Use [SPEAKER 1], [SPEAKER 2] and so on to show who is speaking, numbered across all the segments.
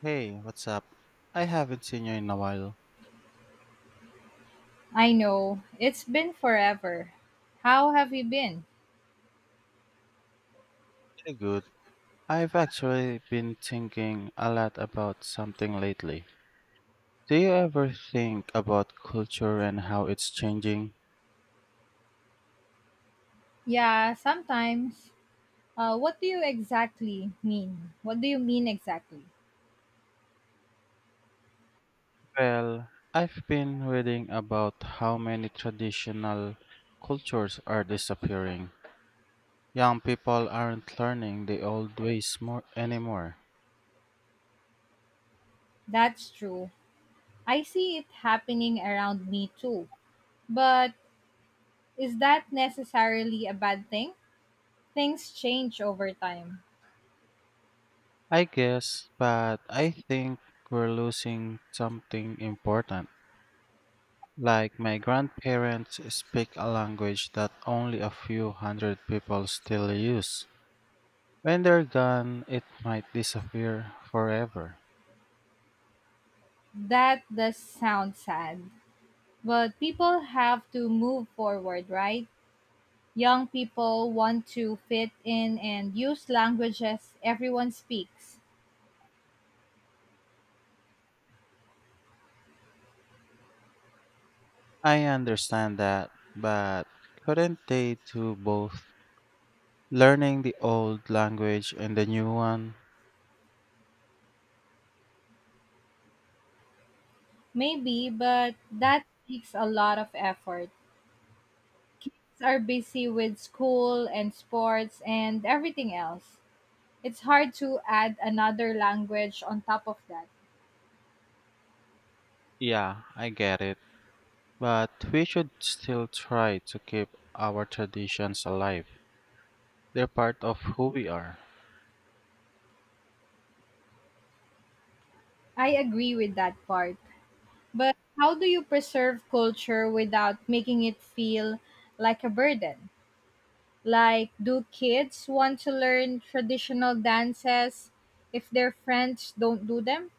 [SPEAKER 1] Hey, what's up? I haven't seen you in a while.
[SPEAKER 2] I know. It's been forever. How have you been?
[SPEAKER 1] Pretty good. I've actually been thinking a lot about something lately. Do you ever think about culture and how it's changing?
[SPEAKER 2] Yeah, sometimes. What do you exactly mean? What do you mean exactly?
[SPEAKER 1] Well, I've been reading about how many traditional cultures are disappearing. Young people aren't learning the old ways more anymore.
[SPEAKER 2] That's true. I see it happening around me too. But is that necessarily a bad thing? Things change over time.
[SPEAKER 1] I guess, but I think we're losing something important. Like my grandparents speak a language that only a few hundred people still use. When they're gone, it might disappear forever.
[SPEAKER 2] That does sound sad. But people have to move forward, right? Young people want to fit in and use languages everyone speaks.
[SPEAKER 1] I understand that, but couldn't they do both? Learning the old language and the new one?
[SPEAKER 2] Maybe, but that takes a lot of effort. Kids are busy with school and sports and everything else. It's hard to add another language on top of that.
[SPEAKER 1] Yeah, I get it. But we should still try to keep our traditions alive. They're part of who we are.
[SPEAKER 2] I agree with that part. But how do you preserve culture without making it feel like a burden? Like, do kids want to learn traditional dances if their friends don't do them?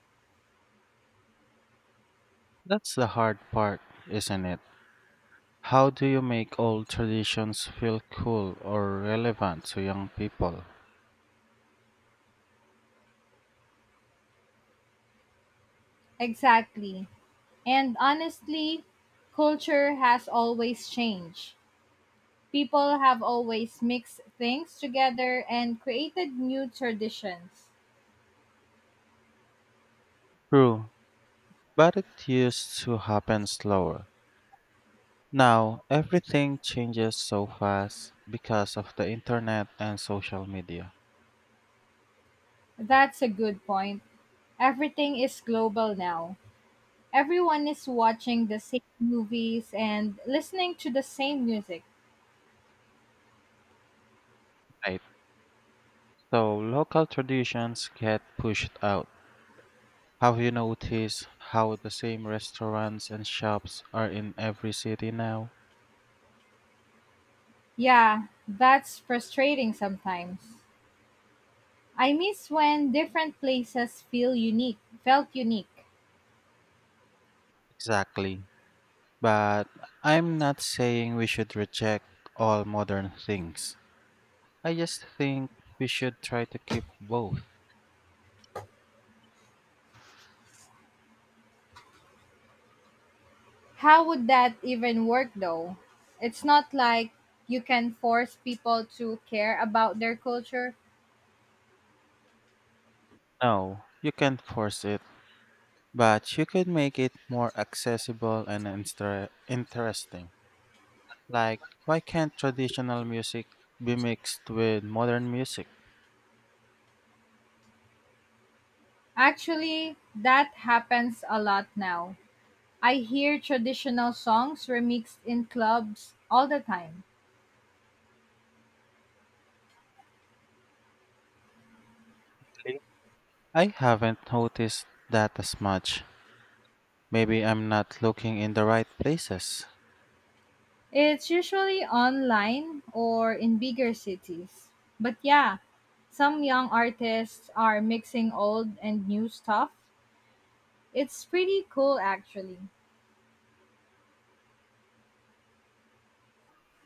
[SPEAKER 1] That's the hard part, isn't it? How do you make old traditions feel cool or relevant to young people?
[SPEAKER 2] Exactly. And honestly, culture has always changed. People have always mixed things together and created new traditions.
[SPEAKER 1] True, but it used to happen slower. Now, everything changes so fast because of the internet and social media.
[SPEAKER 2] That's a good point. Everything is global now. Everyone is watching the same movies and listening to the same music.
[SPEAKER 1] Right. So, local traditions get pushed out. Have you noticed how the same restaurants and shops are in every city now?
[SPEAKER 2] Yeah, that's frustrating sometimes. I miss when different places feel unique, felt unique.
[SPEAKER 1] Exactly. But I'm not saying we should reject all modern things. I just think we should try to keep both.
[SPEAKER 2] How would that even work though? It's not like you can force people to care about their culture.
[SPEAKER 1] No, you can't force it, but you could make it more accessible and interesting. Like, why can't traditional music be mixed with modern music?
[SPEAKER 2] Actually, that happens a lot now. I hear traditional songs remixed in clubs all the time.
[SPEAKER 1] Really? I haven't noticed that as much. Maybe I'm not looking in the right places.
[SPEAKER 2] It's usually online or in bigger cities. But yeah, some young artists are mixing old and new stuff. It's pretty cool actually.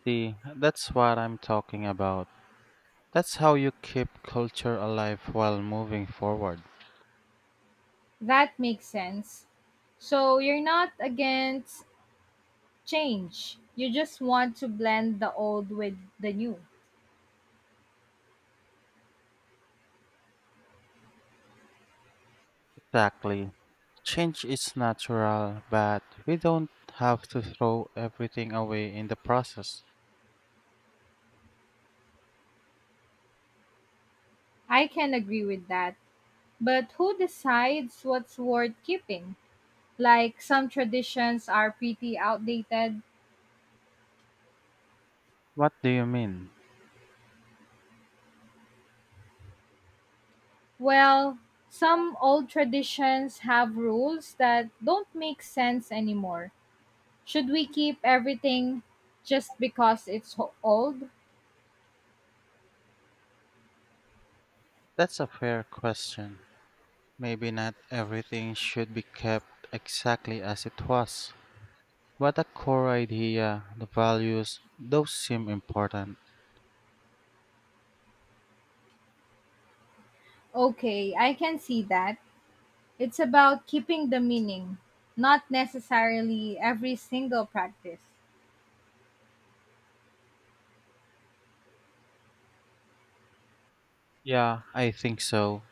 [SPEAKER 1] See, that's what I'm talking about. That's how you keep culture alive while moving forward.
[SPEAKER 2] That makes sense. So you're not against change. You just want to blend the old with the new.
[SPEAKER 1] Exactly. Change is natural, but we don't have to throw everything away in the process.
[SPEAKER 2] I can agree with that. But who decides what's worth keeping? Like, some traditions are pretty outdated.
[SPEAKER 1] What do you mean?
[SPEAKER 2] Well, some old traditions have rules that don't make sense anymore. Should we keep everything just because old?
[SPEAKER 1] That's a fair question. Maybe not everything should be kept exactly as it was, but the core idea, the values, those seem important.
[SPEAKER 2] Okay, I can see that. It's about keeping the meaning, not necessarily every single practice.
[SPEAKER 1] Yeah, I think so.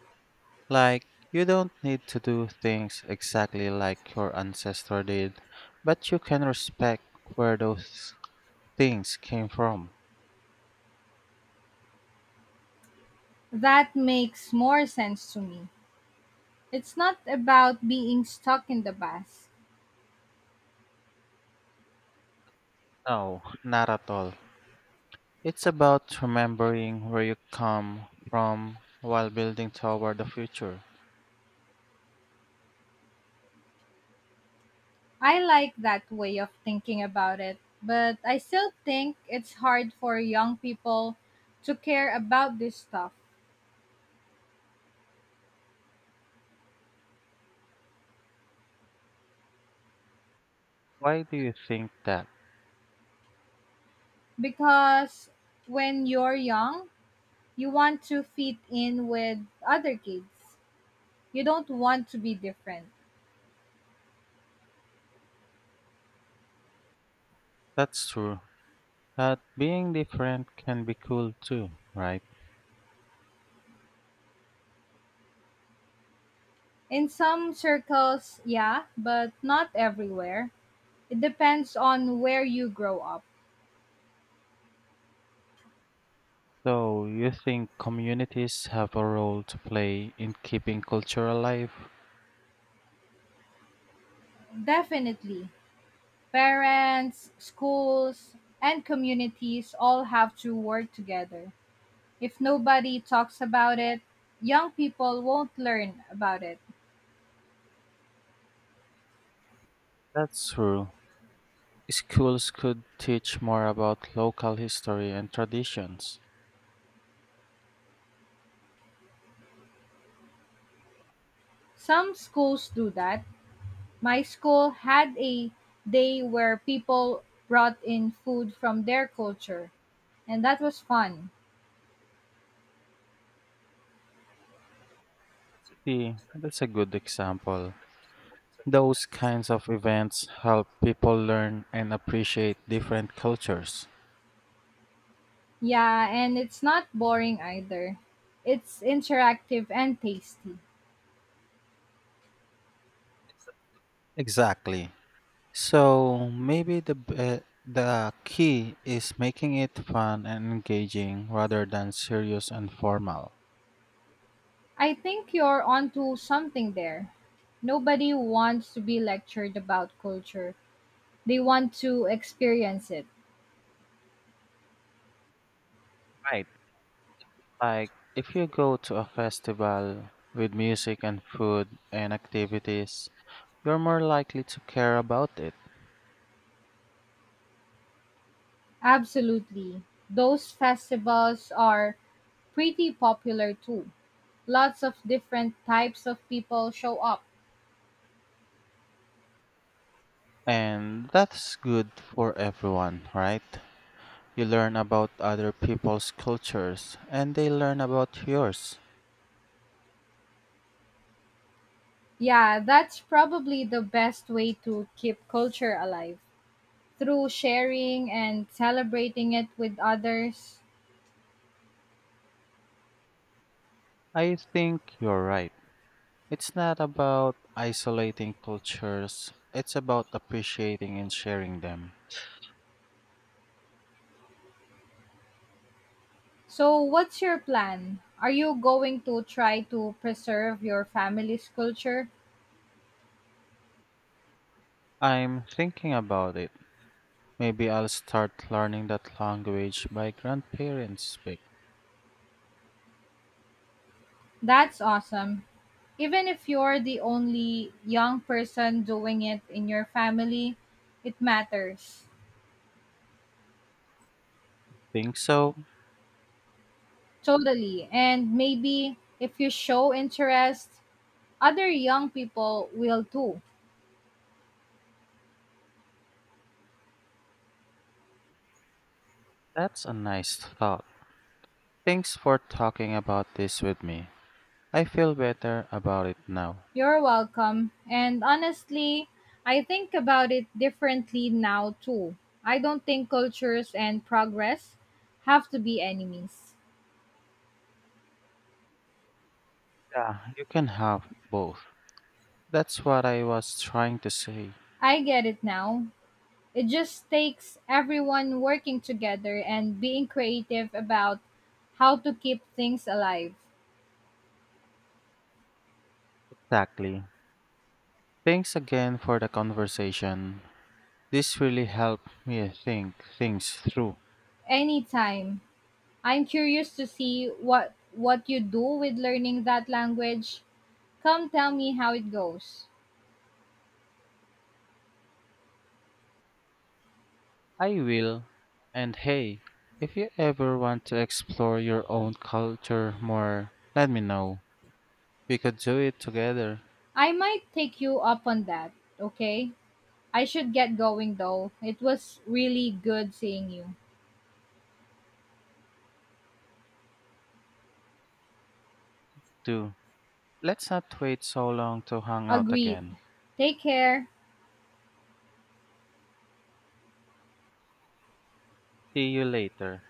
[SPEAKER 1] Like, you don't need to do things exactly like your ancestor did, but you can respect where those things came from.
[SPEAKER 2] That makes more sense to me. It's not about being stuck in the past.
[SPEAKER 1] No, not at all. It's about remembering where you come from while building toward the future.
[SPEAKER 2] I like that way of thinking about it, but I still think it's hard for young people to care about this stuff
[SPEAKER 1] Why do you think that?
[SPEAKER 2] because when you're young, you want to fit in with other kids. You don't want to be different.
[SPEAKER 1] That's true. But being different can be cool too, right?
[SPEAKER 2] In some circles, yeah, but not everywhere. It depends on where you grow up.
[SPEAKER 1] So, you think communities have a role to play in keeping culture alive?
[SPEAKER 2] Definitely. Parents, schools, and communities all have to work together. If nobody talks about it, young people won't learn about it.
[SPEAKER 1] That's true. Schools could teach more about local history and traditions.
[SPEAKER 2] Some schools do that. My school had a day where people brought in food from their culture, and that was fun.
[SPEAKER 1] See, that's a good example. Those kinds of events help people learn and appreciate different cultures.
[SPEAKER 2] Yeah, and it's not boring either. It's interactive and tasty.
[SPEAKER 1] Exactly. So maybe the the key is making it fun and engaging rather than serious and formal.
[SPEAKER 2] I think you're onto something there. Nobody wants to be lectured about culture. They want to experience it.
[SPEAKER 1] Right. Like if you go to a festival with music and food and activities, you're more likely to care about it.
[SPEAKER 2] Absolutely. Those festivals are pretty popular too. Lots of different types of people show up.
[SPEAKER 1] And that's good for everyone, right? You learn about other people's cultures and they learn about yours.
[SPEAKER 2] Yeah, that's probably the best way to keep culture alive, through sharing and celebrating it with others.
[SPEAKER 1] I think you're right. It's not about isolating cultures, it's about appreciating and sharing them.
[SPEAKER 2] So, what's your plan? Are you going to try to preserve your family's culture?
[SPEAKER 1] I'm thinking about it. Maybe I'll start learning that language my grandparents speak.
[SPEAKER 2] That's awesome. Even if you're the only young person doing it in your family, it matters.
[SPEAKER 1] Think so?
[SPEAKER 2] Totally. And maybe if you show interest, other young people will too.
[SPEAKER 1] That's a nice thought. Thanks for talking about this with me. I feel better about it now.
[SPEAKER 2] You're welcome. And honestly, I think about it differently now too. I don't think cultures and progress have to be enemies.
[SPEAKER 1] Yeah, you can have both. That's what I was trying to say.
[SPEAKER 2] I get it now. It just takes everyone working together and being creative about how to keep things alive.
[SPEAKER 1] Exactly. Thanks again for the conversation. This really helped me think things through.
[SPEAKER 2] Anytime. I'm curious to see what you do with learning that language. Come tell me how it goes.
[SPEAKER 1] I will. And hey, if you ever want to explore your own culture more, let me know. We could do it together,
[SPEAKER 2] I might take you up on that, okay? I should get going though. It was really good seeing you.
[SPEAKER 1] too. Let's not wait so long to hang out
[SPEAKER 2] Agreed.
[SPEAKER 1] again.
[SPEAKER 2] Take care.
[SPEAKER 1] See you later.